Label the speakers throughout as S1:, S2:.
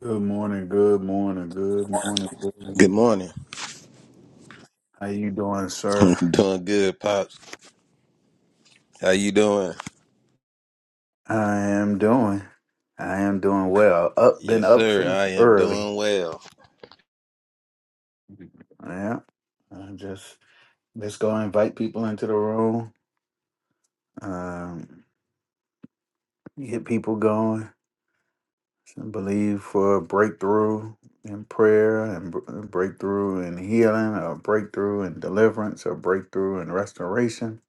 S1: Good morning, good morning, good morning, good
S2: Good
S1: morning.
S2: morning.
S1: How you doing,
S2: I'm
S1: sir?
S2: doing good, Pops. How you doing?
S1: I am doing. I am doing well. Up, been
S2: Yes,
S1: up
S2: sir.
S1: since
S2: I am
S1: early.
S2: doing well.
S1: Yeah. I just just go invite people into the room. Um, get people going. Believe for a breakthrough in prayer and br- breakthrough in healing, or breakthrough in deliverance, or breakthrough in restoration.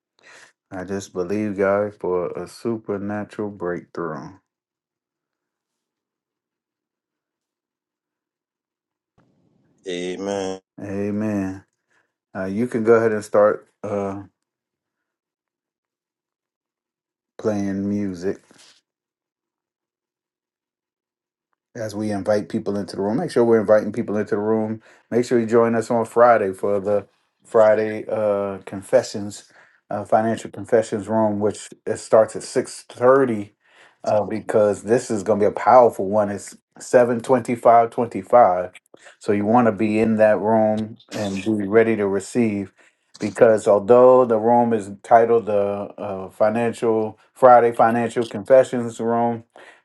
S1: I just believe God for a supernatural breakthrough.
S2: Amen.
S1: Amen. Uh, you can go ahead and start uh, playing music. as we invite people into the room. Make sure we're inviting people into the room. Make sure you join us on Friday for the Friday uh, confessions, uh, financial confessions room, which it starts at six thirty. Uh, because this is going to be a powerful one. It's seven twenty-five, twenty-five. So you want to be in that room and be ready to receive. Because although the room is titled the uh, Financial Friday Financial Confessions Room,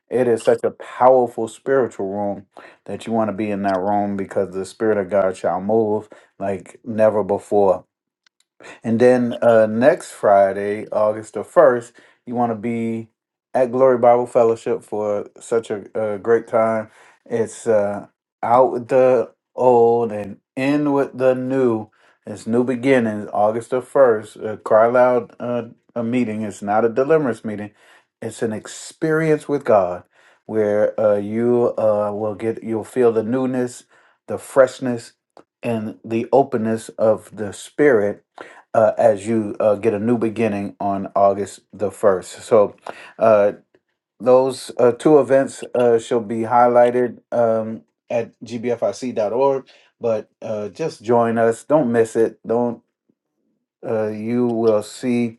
S1: it is such a powerful spiritual room that you want to be in that room because the Spirit of God shall move like never before. And then uh, next Friday, August the 1st, you want to be at Glory Bible Fellowship for such a, a great time. It's uh, out with the old and in with the new. It's new beginnings, August the 1st. Uh, cry loud uh, a meeting. It's not a deliverance meeting, it's an experience with God where uh, you uh, will get, you'll feel the newness, the freshness, and the openness of the Spirit uh, as you uh, get a new beginning on August the 1st. So, uh, those uh, two events uh, shall be highlighted um, at gbfic.org, but uh, just join us. Don't miss it. Don't, uh, you will see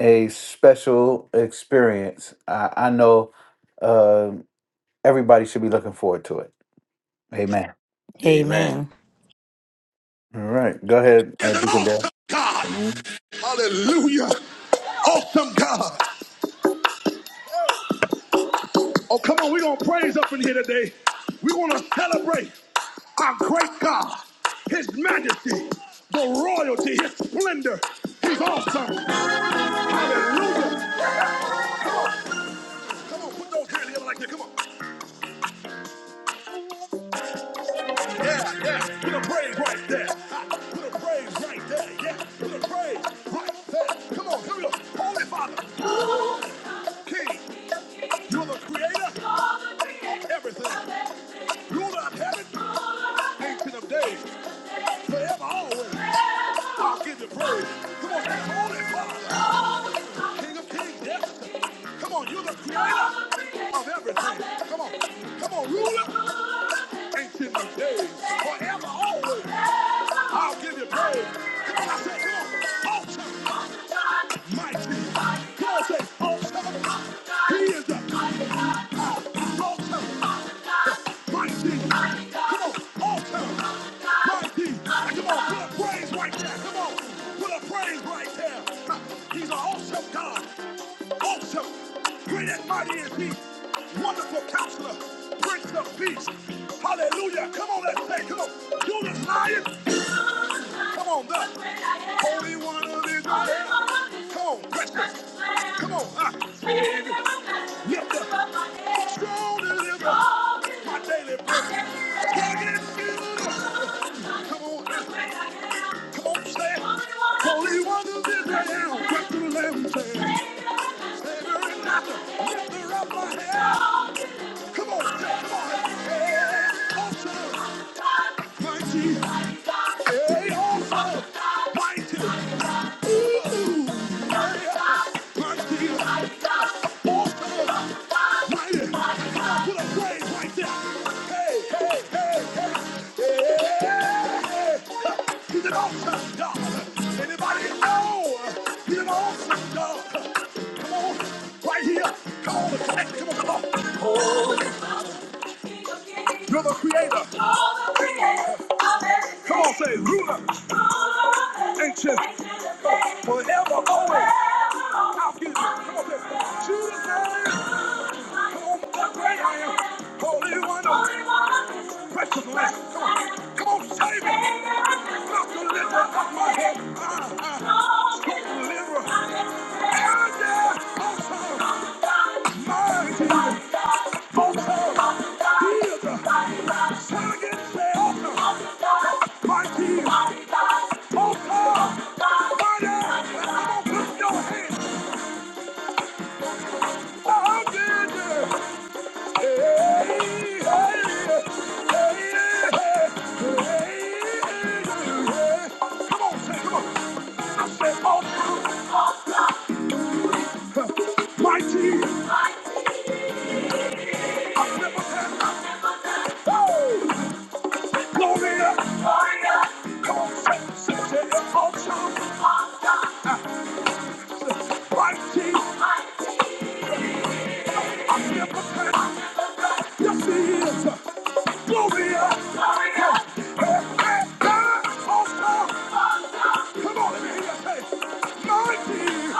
S1: a special experience. I, I know uh, everybody should be looking forward to it. Amen.
S2: Amen.
S3: Amen.
S1: All right. Go ahead,
S2: There's
S1: uh,
S2: an
S1: Deacon Dale.
S2: awesome God.
S4: Amen.
S2: Hallelujah. Awesome God. Oh, come on. We're going to praise up in here today. We're going to celebrate our great God, His majesty, the royalty, His splendor. He's awesome. Hallelujah. Come on. Put those hands together like that. Come on. Yeah, yeah. Put a praise right there. Put a praise right there. Yeah. Put a praise right there. Come on, come on. Holy Father, King, you're the creator of everything. Ruler of heaven, ancient of days, forever, always. I'll give you praise. Come on, say, Holy Father. King of kings, yes. Come on, you're the creator of everything. Come on, come on, ruler, ancient of days, forever, always. I'll give you praise. Come on, I said, come on, altar, mighty. God says, altar, he is the awesome. He's an awesome God, awesome, great and mighty is He, wonderful Counselor, Prince of Peace. Hallelujah! Come on, let's say, come on, you're the Lion. Come on, look. Holy one of Israel. Come on, precious. Come on, ah. Lift up. Strong deliver. My daily bread. Take it, and give it. up. Come on, ah. come on, stand. it. Holy one of Israel. Back to the lamb, say it. Savior and master. Lift her up my head. Come on, come on. Hey, hey, hey. Come on, Anybody know? He's an awesome dog. Come on, right here. Come on, come on, come on. You're the creator. Come on, say ruler. Ancient. Forever, always. I'll give you. Come on, say Jesus. name. Holy one, precious lamb, come on, come on, save it. Not the liver of my head, ah, ah, sweet liver. And yes, also, my Jesus, also, healed. Sing it, say also, my Jesus, also, my dad, come on, put your hands, oh, Jesus. Come on, say, come on. I said, all truth, mighty, oh, glorious, Come on, say, say, say, all truth, mighty, Yes, he is. Glorious, glorious. Hey, hey, hey, all truth. Come on, let me hear you say, mighty.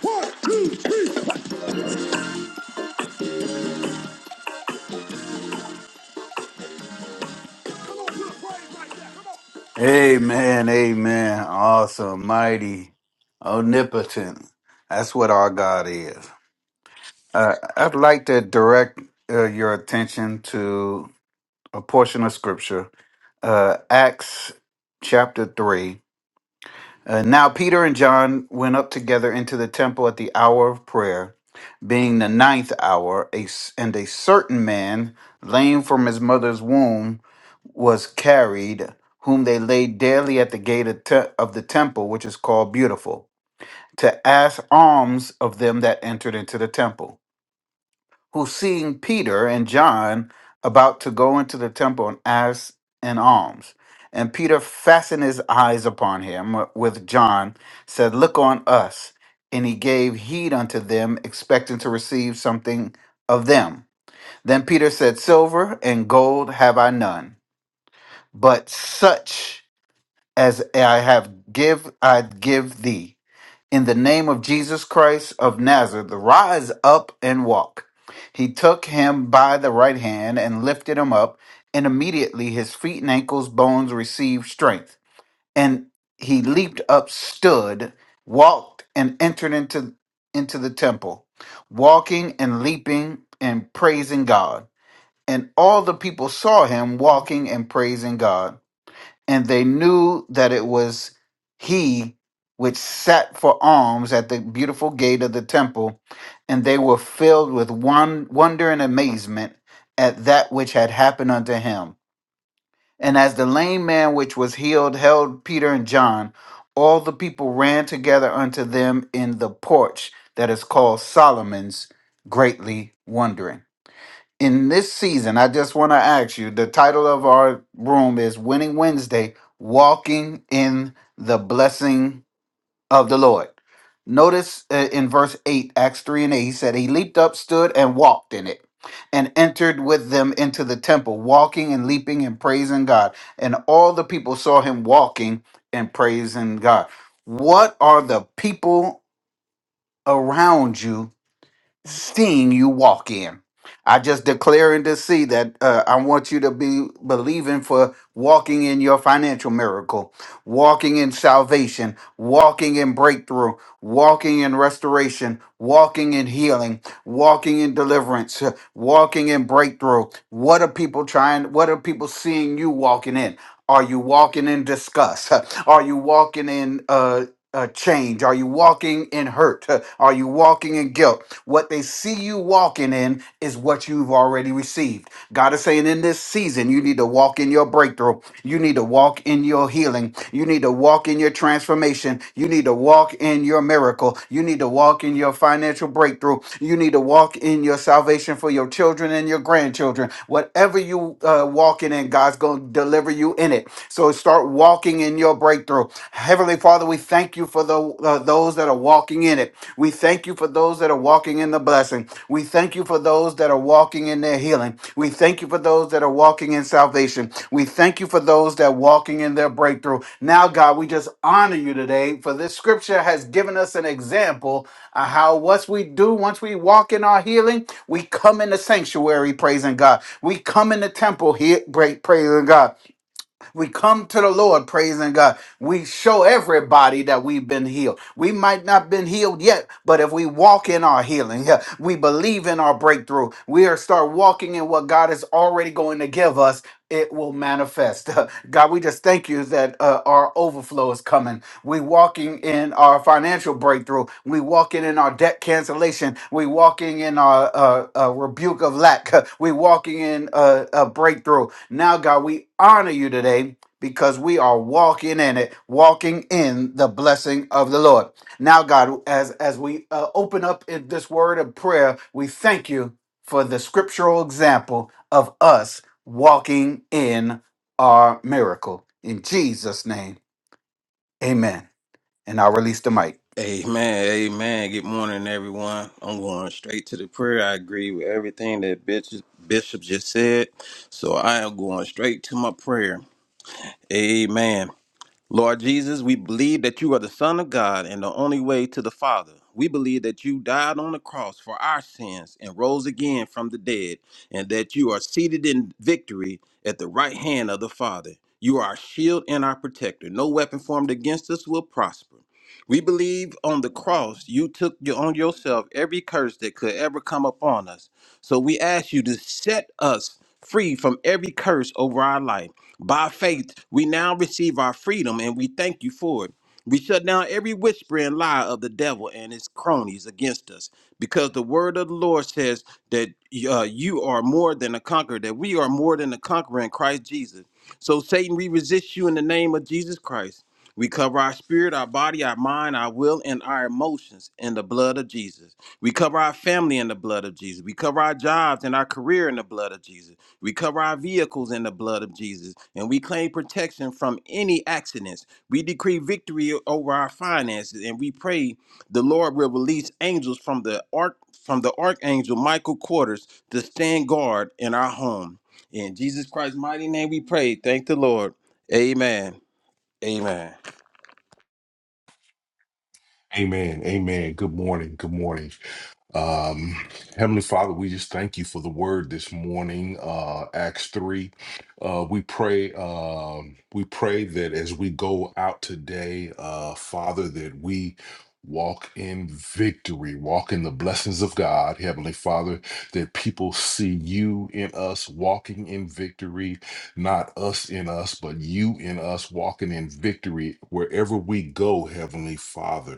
S2: One, two, three. Come on, put a praise right there. Come on.
S1: Amen, amen. Awesome, mighty, omnipotent. That's what our God is. Uh, I'd like to direct uh, your attention to a portion of scripture, uh, Acts chapter 3. Uh, now Peter and John went up together into the temple at the hour of prayer, being the ninth hour, a s- and a certain man, lame from his mother's womb, was carried, whom they laid daily at the gate of, te- of the temple, which is called Beautiful, to ask alms of them that entered into the temple who seeing Peter and John about to go into the temple and ask an alms. And Peter fastened his eyes upon him with John, said, Look on us. And he gave heed unto them, expecting to receive something of them. Then Peter said, Silver and gold have I none, but such as I have give I give thee in the name of Jesus Christ of Nazareth, rise up and walk. He took him by the right hand and lifted him up, and immediately his feet and ankles bones received strength. And he leaped up, stood, walked, and entered into, into the temple, walking and leaping and praising God. And all the people saw him walking and praising God and they knew that it was he which sat for alms at the beautiful gate of the temple, and they were filled with one wonder and amazement at that which had happened unto him. And as the lame man which was healed held Peter and John, all the people ran together unto them in the porch that is called Solomon's, greatly wondering in this season, I just want to ask you the title of our room is Winning Wednesday Walking in the Blessing of the Lord. Notice uh, in verse 8, Acts 3 and 8, he said, He leaped up, stood, and walked in it, and entered with them into the temple, walking and leaping and praising God. And all the people saw him walking and praising God. What are the people around you? Sting you walk in. I just declaring to see that uh, I want you to be believing for walking in your financial miracle, walking in salvation, walking in breakthrough, walking in restoration, walking in healing, walking in deliverance, uh, walking in breakthrough. What are people trying? What are people seeing you walking in? Are you walking in disgust? Are you walking in uh, uh, change? Are you walking in hurt? Are you walking in guilt? What they see you walking in is what you've already received. God is saying in this season, you need to walk in your breakthrough. You need to walk in your healing. You need to walk in your transformation. You need to walk in your miracle. You need to walk in your financial breakthrough. You need to walk in your salvation for your children and your grandchildren. Whatever you uh, walking in, God's going to deliver you in it. So start walking in your breakthrough. Heavenly Father, we thank you for the, uh, those that are walking in it. We thank you for those that are walking in the blessing. We thank you for those that are walking in their healing. We thank you for those that are walking in salvation. We thank you for those that are walking in their breakthrough. Now, God, we just honor you today for this scripture has given us an example of how what we do once we walk in our healing, we come in the sanctuary praising God. We come in the temple here pra- praising God we come to the Lord praising God. We show everybody that we've been healed. We might not been healed yet, but if we walk in our healing, yeah, we believe in our breakthrough. We are start walking in what God is already going to give us. It will manifest. God, we just thank you that uh, our overflow is coming. We walking in our financial breakthrough. We walking in our debt cancellation. We walking in our uh, uh, rebuke of lack. We walking in uh, a breakthrough. Now, God, we honor you today because we are walking in it, walking in the blessing of the Lord. Now, God, as as we uh, open up in this word of prayer, we thank you for the scriptural example of us walking in our miracle. In Jesus' name, Amen and I'll release the mic.
S2: Amen, amen. Good morning, everyone. I'm going straight to the prayer. I agree with everything that Bishop Bishop just said, so I am going straight to my prayer. Amen. Lord Jesus, we believe that you are the Son of God and the only way to the Father. We believe that you died on the cross for our sins and rose again from the dead, and that you are seated in victory at the right hand of the Father. You are our shield and our protector. No weapon formed against us will prosper. We believe on the cross you took on yourself every curse that could ever come upon us so we ask you to set us free from every curse over our life. By faith, we now receive our freedom and we thank you for it. We shut down every whisper and lie of the devil and his cronies against us because the word of the Lord says that uh, you are more than a conqueror, that we are more than a conqueror in Christ Jesus. So, Satan, we resist you in the name of Jesus Christ. We cover our spirit, our body, our mind, our will, and our emotions in the blood of Jesus. We cover our family in the blood of Jesus. We cover our jobs and our career in the blood of Jesus. We cover our vehicles in the blood of Jesus. And we claim protection from any accidents. We decree victory over our finances. And we pray the Lord will release angels from the arch, from the archangel Michael quarters to stand guard in our home. In Jesus Christ's mighty name we pray. Thank the Lord. Amen. Amen.
S5: Amen. Amen. Good morning. Good morning. Um, Heavenly Father, we just thank you for the word this morning, uh, Acts 3. Uh, we pray, um, we pray that as we go out today, uh, Father, that we walk in victory, walk in the blessings of God, Heavenly Father, that people see you in us walking in victory, not us in us, but you in us walking in victory wherever we go, Heavenly Father.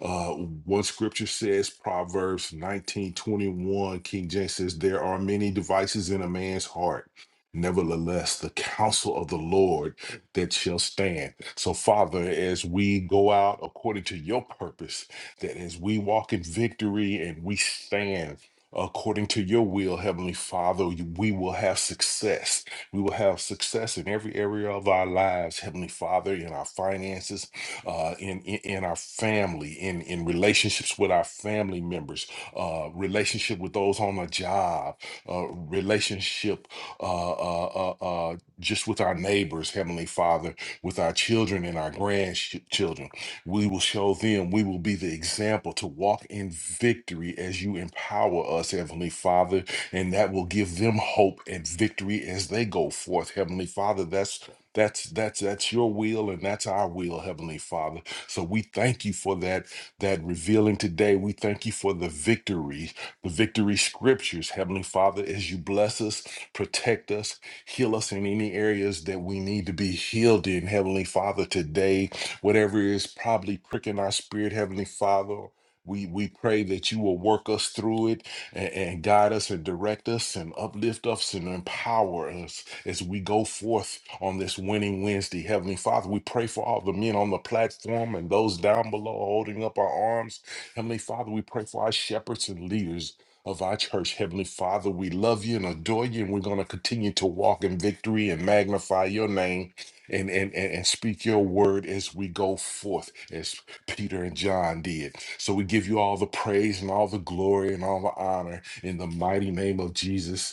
S5: Uh, one scripture says, Proverbs 19 21. King James says, There are many devices in a man's heart. Nevertheless, the counsel of the Lord that shall stand. So, Father, as we go out according to your purpose, that as we walk in victory and we stand according to your will, Heavenly Father, you- we will have success. We will have success in every area of our lives, Heavenly Father, in our finances, uh, in, in in our family, in in relationships with our family members, uh, relationship with those on a job, uh, relationship uh, uh, uh, uh, just with our neighbors, Heavenly Father, with our children and our grandchildren. We will show them. We will be the example to walk in victory as you empower us, Heavenly Father, and that will give them hope and victory as they go forth, Heavenly Father. That's that's that's that's your will and that's our will, Heavenly Father. So we thank you for that that revealing today. We thank you for the victory, the victory scriptures, Heavenly Father, as you bless us, protect us, heal us in any areas that we need to be healed in, Heavenly Father, today. Whatever is probably pricking our spirit, Heavenly Father. We, we pray that you will work us through it and, and guide us and direct us and uplift us and empower us as we go forth on this winning Wednesday. Heavenly Father, we pray for all the men on the platform and those down below holding up our arms. Heavenly Father, we pray for our shepherds and leaders. Of our church, Heavenly Father, we love you and adore you, and we're going to continue to walk in victory and magnify your name and, and, and, and speak your word as we go forth, as Peter and John did. So we give you all the praise and all the glory and all the honor in the mighty name of Jesus.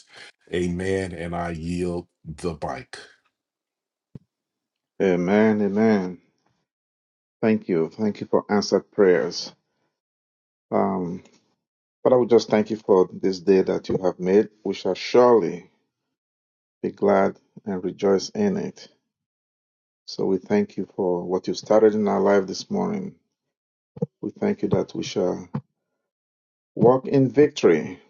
S5: Amen. And I yield the bike.
S4: Amen. Amen. Thank you. Thank you for answered prayers. Um, Father, we just thank you for this day that you have made. We shall surely be glad and rejoice in it. So we thank you for what you started in our life this morning. We thank you that we shall walk in victory.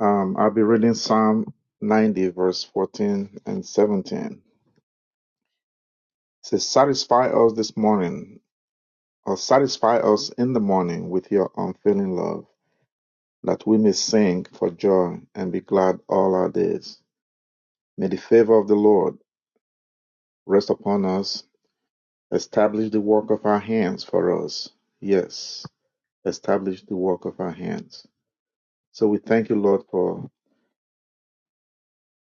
S4: Um, I'll be reading Psalm 90, verse 14 and 17. It says, Satisfy us this morning, or satisfy us in the morning with your unfailing love that we may sing for joy and be glad all our days. May the favor of the Lord rest upon us, establish the work of our hands for us. Yes, establish the work of our hands. So we thank you, Lord, for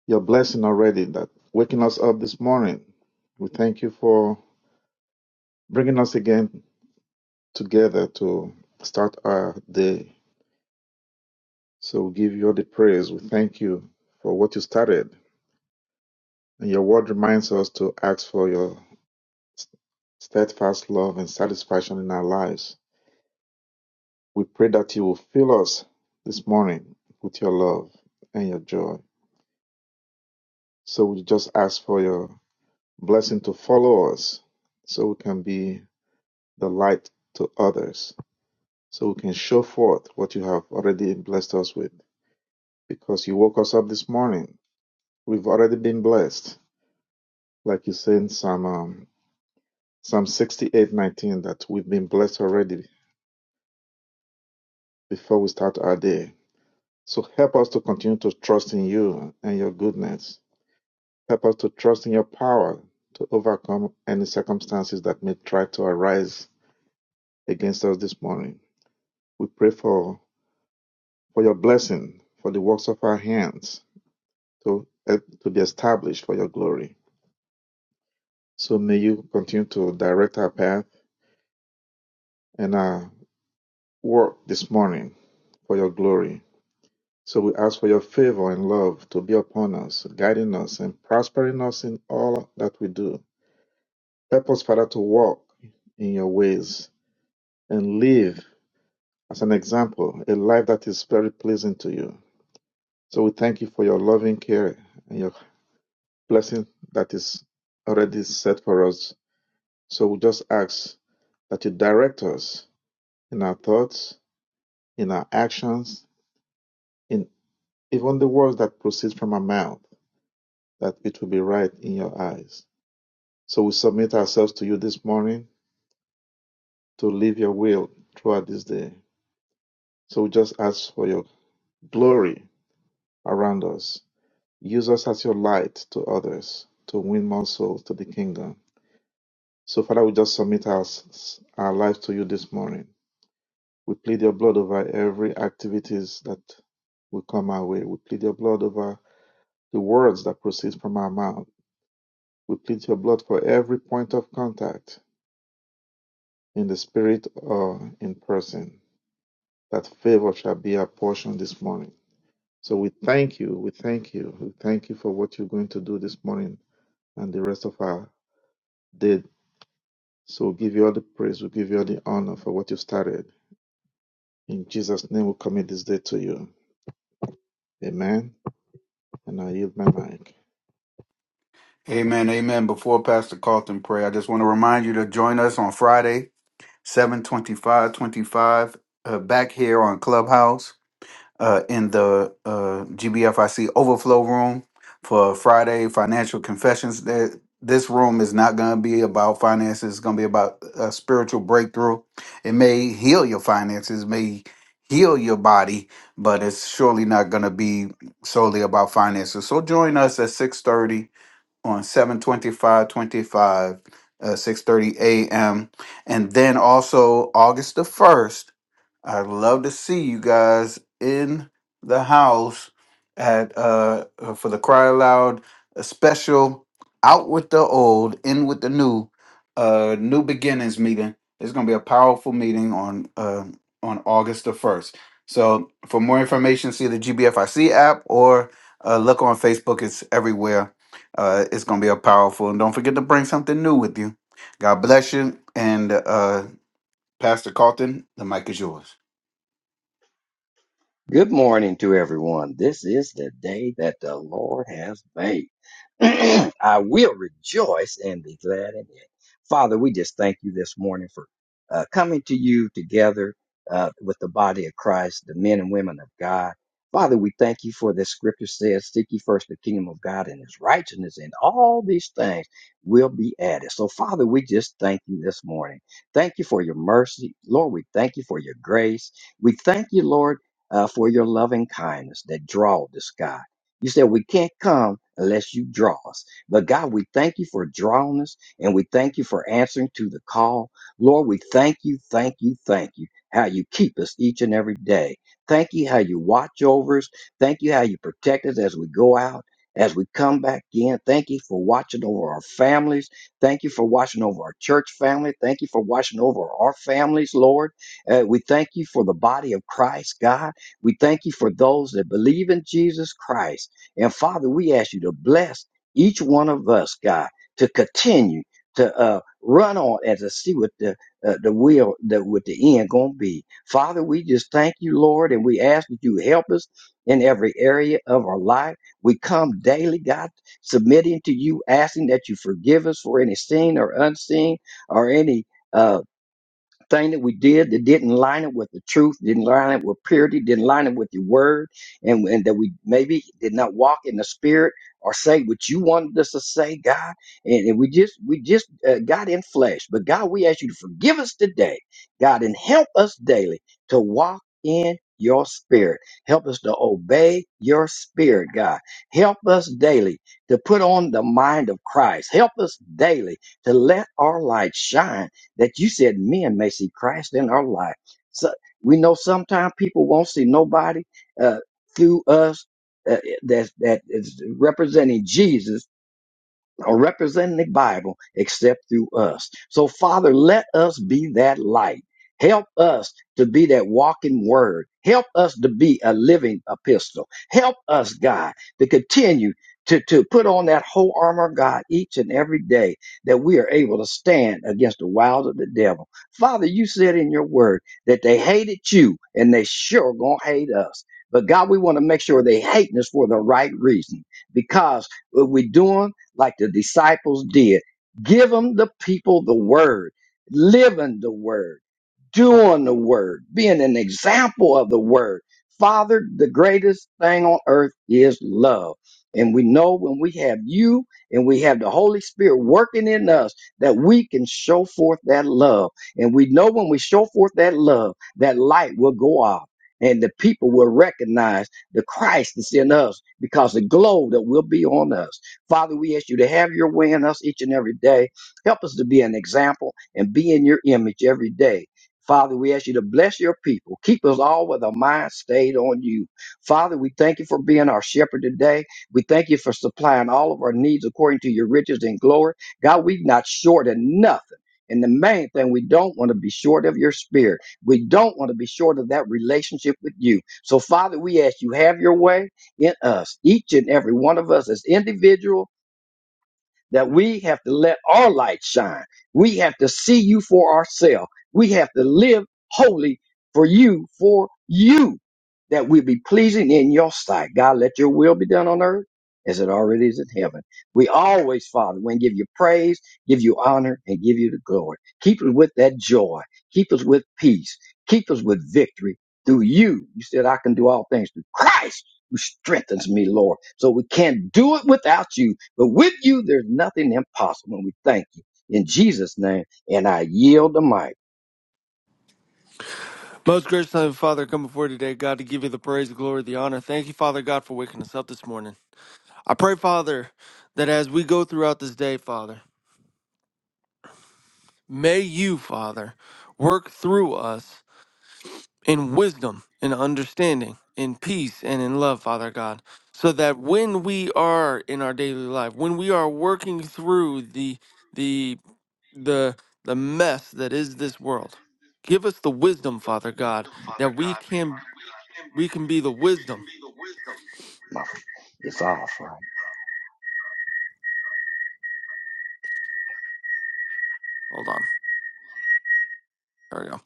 S4: your blessing already that waking us up this morning. We thank you for bringing us again together to start our day. So we give you all the praise. We thank you for what you started. And your word reminds us to ask for your steadfast love and satisfaction in our lives. We pray that you will fill us this morning with your love and your joy. So we just ask for your blessing to follow us so we can be the light to others, so we can show forth what you have already blessed us with. Because you woke us up this morning, we've already been blessed. Like you say in Psalm, um, Psalm 68 nineteen, that we've been blessed already before we start our day. So help us to continue to trust in you and your goodness. Help us to trust in your power to overcome any circumstances that may try to arise against us this morning. We pray for, for your blessing, for the works of our hands to, eh, to be established for your glory. So may you continue to direct our path and our work this morning for your glory. So we ask for your favor and love to be upon us, guiding us and prospering us in all that we do Help us, Father, to walk in your ways and live as an example, a life that is very pleasing to you. So we thank you for your loving care and your blessing that is already set for us. So we just ask that you direct us in our thoughts, in our actions, in even the words that proceed from our mouth, that it will be right in your eyes. So we submit ourselves to you this morning to live your will throughout this day. So we just ask for your glory around us. Use us as your light to others to win more souls to the kingdom. So, Father, we just submit our, our life to you this morning. We plead your blood over every activities that will come our way. We plead your blood over the words that proceed from our mouth. We plead your blood for every point of contact in the spirit or in person. That favor shall be our portion this morning. So we thank you. We thank you. We thank you for what you're going to do this morning and the rest of our day. So we give you all the praise, we give you all the honor for what you started. In Jesus' name, we commit this day to you. Amen. And I yield my mic.
S1: Amen, amen. Before Pastor Carlton pray, I just want to remind you to join us on Friday, seven twenty-five, twenty-five, uh, back here on Clubhouse. uh, in the uh, GBFIC overflow room for Friday financial confessions. That this room is not going to be about finances. It's going to be about a spiritual breakthrough. It may heal your finances, may heal your body, but it's surely not going to be solely about finances. So join us at six thirty on seven twenty five twenty five. Uh, 6.30 a.m and then also august the 1st I'd love to see you guys in the house at uh uh, for the Cry Loud special out with the old, in with the new, uh new beginnings meeting. It's gonna be a powerful meeting on uh, on August the first. So for more information, see the GBFIC app or uh, look on Facebook. It's everywhere. Uh, it's gonna be a powerful, and don't forget to bring something new with you. God bless you, and uh, Pastor Carlton, the mic is yours.
S6: Good morning to everyone. This is the day that the Lord has made. I will rejoice and be glad in it. Father, we just thank you this morning for uh, coming to you together uh, with the body of Christ, the men and women of God. Father, we thank you for this scripture says, Seek ye first the kingdom of God and his righteousness, and all these things will be added. So, Father, we just thank you this morning. Thank you for your mercy. Lord, we thank you for your grace. We thank you, Lord uh, for your loving kindness that draw us, God. You said we can't come unless you draw us. But God, we thank you for drawing us and we thank you for answering to the call. Lord, we thank you, thank you, thank you, how you keep us each and every day. Thank you how you watch over us. Thank you how you protect us as we go out, as we come back in. Thank you for watching over our families. Thank you for watching over our church family. Thank you for watching over our families, Lord. Uh, we thank you for the body of Christ, God. We thank you for those that believe in Jesus Christ. And Father, we ask you to bless each one of us, God, to continue to uh, run on and to see what the uh, the will that what the end gonna be. Father, we just thank you, Lord, and we ask that you help us in every area of our life. We come daily, God, submitting to you, asking that you forgive us for any seen or unseen or any. uh, thing that we did that didn't line up with the truth, didn't line up with purity, didn't line up with your word, and, and that we maybe did not walk in the spirit or say what you wanted us to say, God. And, and we just we just uh, got in flesh. But God, we ask you to forgive us today, God, and help us daily to walk in your spirit. Help us to obey your spirit, God. Help us daily to put on the mind of Christ. Help us daily to let our light shine that you said men may see Christ in our life. So we know sometimes people won't see nobody uh, through us uh, that that is representing Jesus or representing the Bible except through us. So, Father, let us be that light. Help us to be that walking word. Help us to be a living epistle. Help us, God, to continue to, to put on that whole armor of God each and every day that we are able to stand against the wiles of the devil. Father, you said in your word that they hated you and they sure gonna hate us. But God, we want to make sure they hating us for the right reason because what we're doing like the disciples did. Give them the people the word, live in the word doing the word, being an example of the word. Father, the greatest thing on earth is love. And we know when we have you and we have the Holy Spirit working in us that we can show forth that love. And we know when we show forth that love, that light will go off and the people will recognize the Christ that's in us because the glow that will be on us. Father, we ask you to have your way in us each and every day. Help us to be an example and be in your image every day Father, we ask you to bless your people. Keep us all with our mind stayed on you. Father, we thank you for being our shepherd today. We thank you for supplying all of our needs according to your riches and glory. God, we've not shorted nothing. And the main thing, we don't want to be short of your spirit. We don't want to be short of that relationship with you. So, Father, we ask you, have your way in us, each and every one of us as individual that we have to let our light shine. We have to see you for ourselves. We have to live holy for you, for you, that we be pleasing in your sight. God, let your will be done on earth as it already is in heaven. We always, Father, we give you praise, give you honor, and give you the glory. Keep us with that joy. Keep us with peace. Keep us with victory through you. You said, I can do all things through Christ who strengthens me, Lord. So we can't do it without you. But with you, there's nothing impossible. And we thank you in Jesus' name. And I yield the mic.
S7: Most gracious Heavenly Father, come before you today, God, to give you the praise, the glory, the honor. Thank you, Father God, for waking us up this morning. I pray, Father, that as we go throughout this day, Father, may you, Father, work through us in wisdom, in understanding, in peace, and in love, Father God, so that when we are in our daily life, when we are working through the the the the mess that is this world, give us the wisdom, Father God, that we can we can be the wisdom
S6: My- It's off.
S7: Hold on. There we go.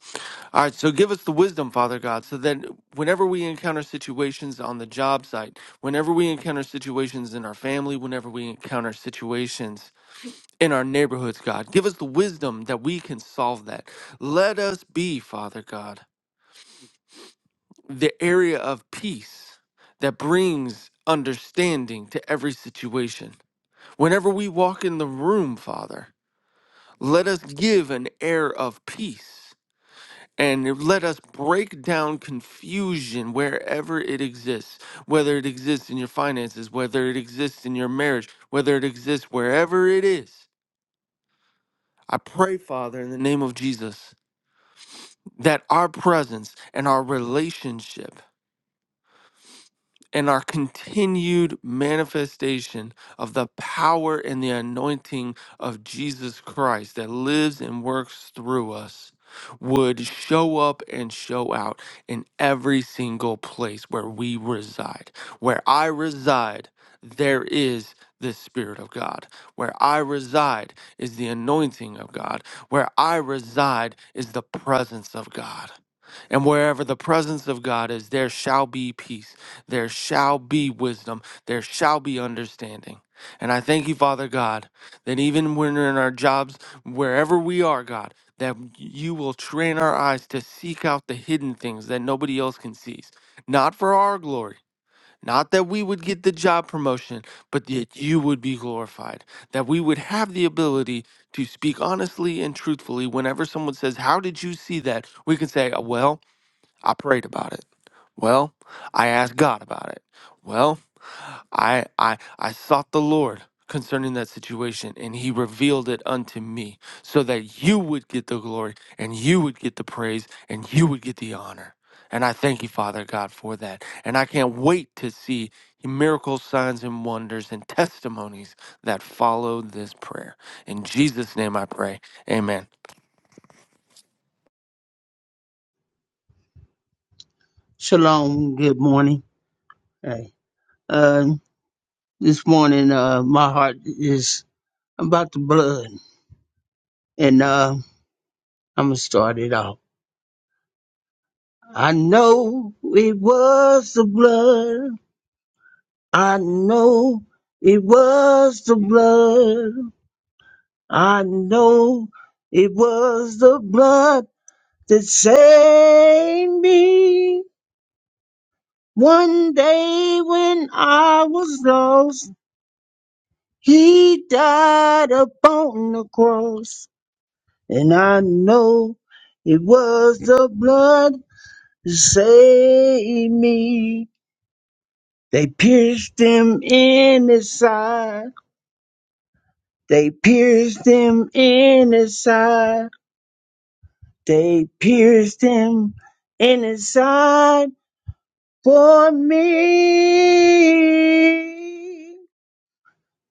S7: All right. So give us the wisdom, Father God, so that whenever we encounter situations on the job site, whenever we encounter situations in our family, whenever we encounter situations in our neighborhoods, God, give us the wisdom that we can solve that. Let us be, Father God, the area of peace that brings understanding to every situation. Whenever we walk in the room, Father, let us give an air of peace and let us break down confusion wherever it exists, whether it exists in your finances, whether it exists in your marriage, whether it exists wherever it is. I pray, Father, in the name of Jesus, that our presence and our relationship and our continued manifestation of the power and the anointing of Jesus Christ that lives and works through us would show up and show out in every single place where we reside. Where I reside, there is the Spirit of God. Where I reside is the anointing of God. Where I reside is the presence of God. And wherever the presence of God is, there shall be peace. There shall be wisdom. There shall be understanding. And I thank you, Father God, that even when we're in our jobs, wherever we are, God, that you will train our eyes to seek out the hidden things that nobody else can see. Not for our glory, not that we would get the job promotion, but that you would be glorified, that we would have the ability to speak honestly and truthfully. Whenever someone says, How did you see that? We can say, Well, I prayed about it. Well, I asked God about it. Well, I I I sought the Lord concerning that situation and he revealed it unto me so that you would get the glory and you would get the praise and you would get the honor. And I thank you, Father God, for that. And I can't wait to see miracles, signs, and wonders and testimonies that follow this prayer. In Jesus' name I pray. Amen.
S8: Shalom. Good morning. Hey. Uh, this morning, uh, my heart is about the blood, and uh, I'm gonna start it off. I know it was the blood. I know it was the blood. I know it was the blood that saved me. One day when I was lost, He died upon the cross. And I know it was the blood that saved me. They pierced him in his side. They pierced him in his side. They pierced him in his side for me.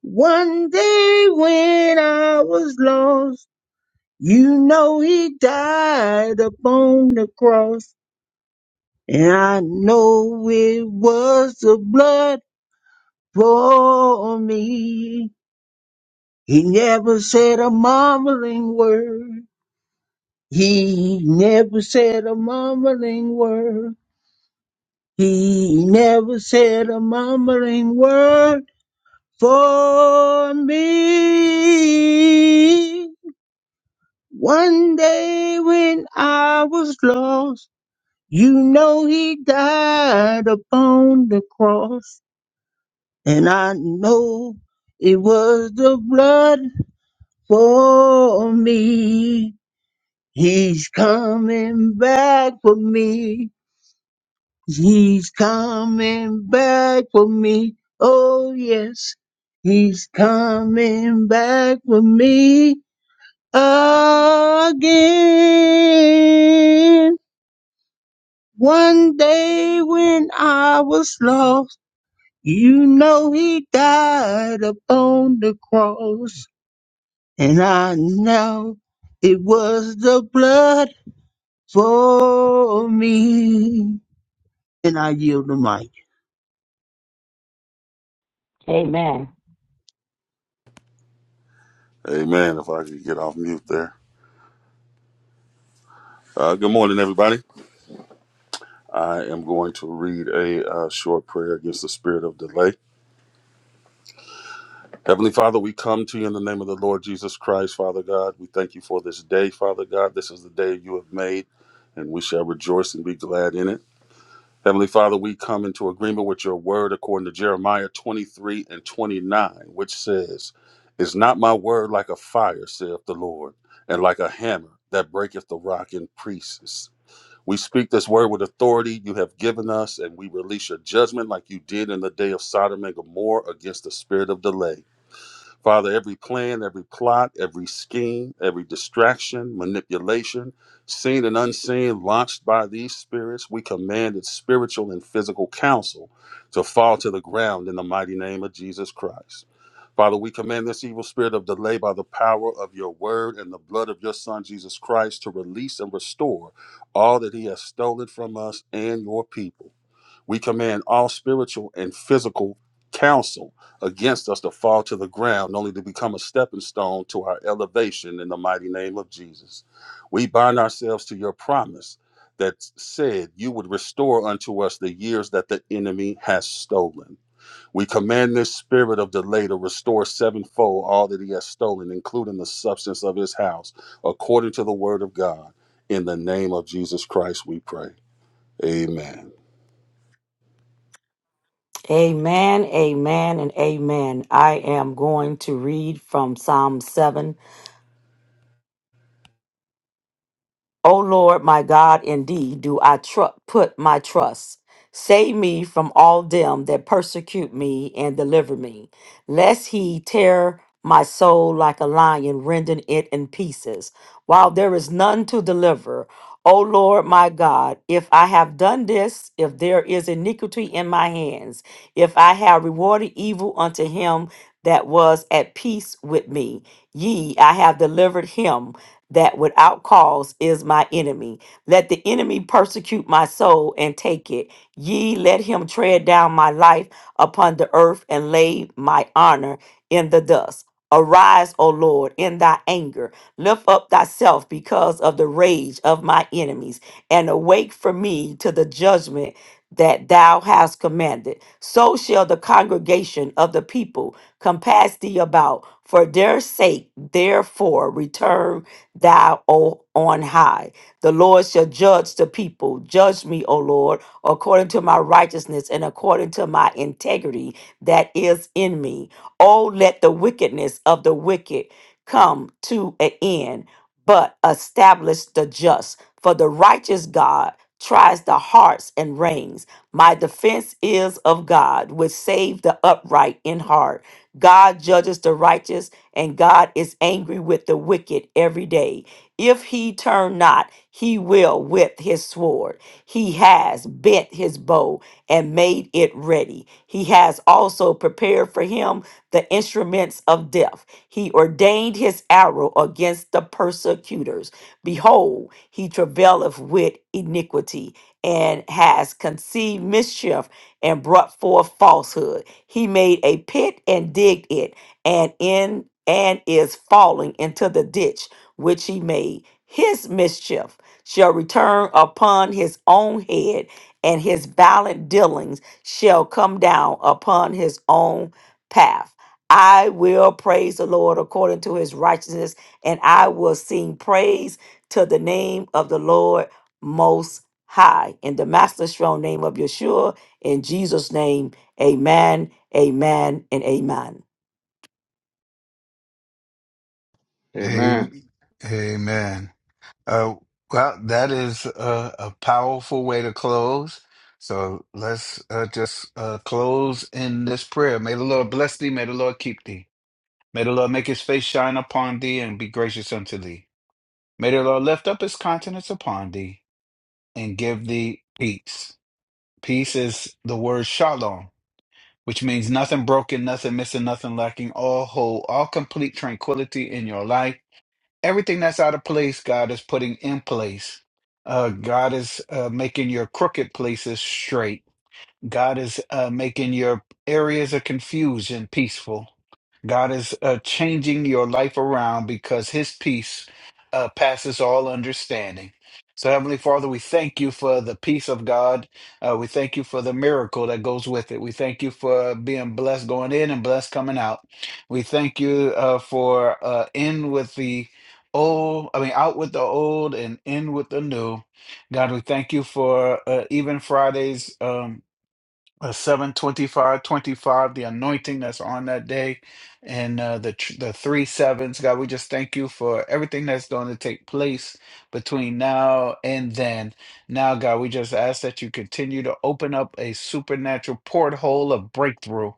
S8: One day when I was lost, you know he died upon the cross. And I know it was the blood for me. He never said a mumbling word. He never said a mumbling word. He never said a mumbling word for me. One day when I was lost, you know he died upon the cross. And I know it was the blood for me. He's coming back for me. He's coming back for me. Oh, yes. He's coming back for me again. One day when I was lost, you know he died upon the cross. And I know it was the blood for me. And I yield the mic.
S3: Amen,
S9: Amen. If I could get off mute there. Uh, good morning, everybody. I am going to read a uh, short prayer against the spirit of delay. Heavenly Father, we come to you in the name of the Lord Jesus Christ, Father God. We thank you for this day, Father God. This is the day you have made, and we shall rejoice and be glad in it. Heavenly Father, we come into agreement with your word according to Jeremiah 23 and 29, which says, Is not my word like a fire, saith the Lord, and like a hammer that breaketh the rock in pieces? We speak this word with authority you have given us, and we release your judgment like you did in the day of Sodom and Gomorrah against the spirit of delay. Father, every plan, every plot, every scheme, every distraction, manipulation, seen and unseen, launched by these spirits, we command its spiritual and physical counsel to fall to the ground in the mighty name of Jesus Christ. Father, we command this evil spirit of delay by the power of your word and the blood of your son, Jesus Christ, to release and restore all that he has stolen from us and your people. We command all spiritual and physical counsel against us to fall to the ground, only to become a stepping stone to our elevation in the mighty name of Jesus. We bind ourselves to your promise that said you would restore unto us the years that the enemy has stolen. We command this spirit of delay to restore sevenfold all that he has stolen, including the substance of his house, according to the word of God. In the name of Jesus Christ, we pray. Amen.
S3: amen, amen, and amen. I am going to read from Psalm 7 O Lord my God, in thee do I tru- put my trust. Save me from all them that persecute me and deliver me, lest he tear my soul like a lion, rending it in pieces, while there is none to deliver. O Lord my God, if I have done this, if there is iniquity in my hands, if I have rewarded evil unto him that was at peace with me, ye, I have delivered him that without cause is my enemy. Let the enemy persecute my soul and take it. Ye let him tread down my life upon the earth and lay my honor in the dust. Arise, O Lord, in thy anger. Lift up thyself because of the rage of my enemies, and awake for me to the judgment that thou hast commanded. So shall the congregation of the people compass thee about. For their sake, therefore, return thou o on high. The Lord shall judge the people. Judge me, O Lord, according to my righteousness and according to my integrity that is in me. Oh, let the wickedness of the wicked come to an end, but establish the just. For the righteous God tries the hearts and reins. My defense is of God, which save the upright in heart. God judges the righteous and God is angry with the wicked every day. If he turn not, he will with his sword. He has bent his bow and made it ready. He has also prepared for him the instruments of death. He ordained his arrow against the persecutors. Behold, he travaileth with iniquity and has conceived mischief and brought forth falsehood. He made a pit and digged it and in and is falling into the ditch which he made his mischief shall return upon his own head and his violent dealings shall come down upon his own path i will praise the lord according to his righteousness and i will sing praise to the name of the lord most high in the master strong name of yeshua in jesus name amen amen and amen
S4: Amen.
S1: Am- Amen. Uh, well, that is a, a powerful way to close. So let's uh, just uh, close in this prayer. May the Lord bless thee. May the Lord keep thee. May the Lord make his face shine upon thee and be gracious unto thee. May the Lord lift up his countenance upon thee and give thee peace. Peace is the word shalom, which means nothing broken, nothing missing, nothing lacking, all whole, all complete tranquility in your life Everything that's out of place, God is putting in place. Uh, God is uh, making your crooked places straight. God is uh, making your areas of confusion peaceful. God is uh, changing your life around because His peace uh, passes all understanding. So, Heavenly Father, we thank you for the peace of God. Uh, we thank you for the miracle that goes with it. We thank you for being blessed going in and blessed coming out. We thank you uh, for uh, in with the old, I mean, out with the old and in with the new. God, we thank you for uh, even Friday's. Um, uh, 7 twenty-five twenty-five, the anointing that's on that day and uh, the tr- the three sevens god we just thank you for everything that's going to take place between now and then now god we just ask that you continue to open up a supernatural porthole of breakthrough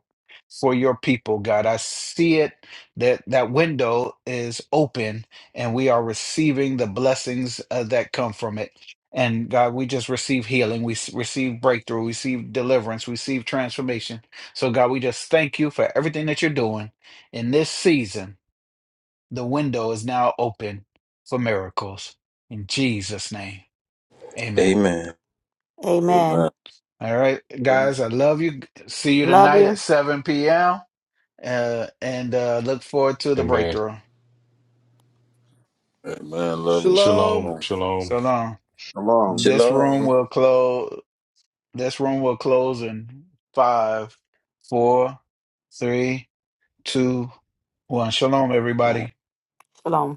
S1: for your people god i see it that that window is open and we are receiving the blessings uh, that come from it and God, we just receive healing. We s- receive breakthrough. We receive deliverance. We receive transformation. So, God, we just thank you for everything that you're doing in this season. The window is now open for miracles. In Jesus' name, amen.
S2: Amen.
S3: Amen.
S9: Amen.
S1: All right,
S4: Amen.
S1: guys, I love you. See you
S3: Love
S1: tonight at
S3: you.
S1: 7 p.m. Uh, and uh, look forward to the
S5: Amen.
S1: breakthrough.
S9: Amen. Love you.
S7: Shalom.
S5: Shalom.
S9: Shalom.
S5: Shalom.
S1: So long.
S4: Shalom.
S1: This room
S2: Shalom.
S1: will close. This room will close in five, four, three, two, one. Shalom, everybody.
S3: Shalom.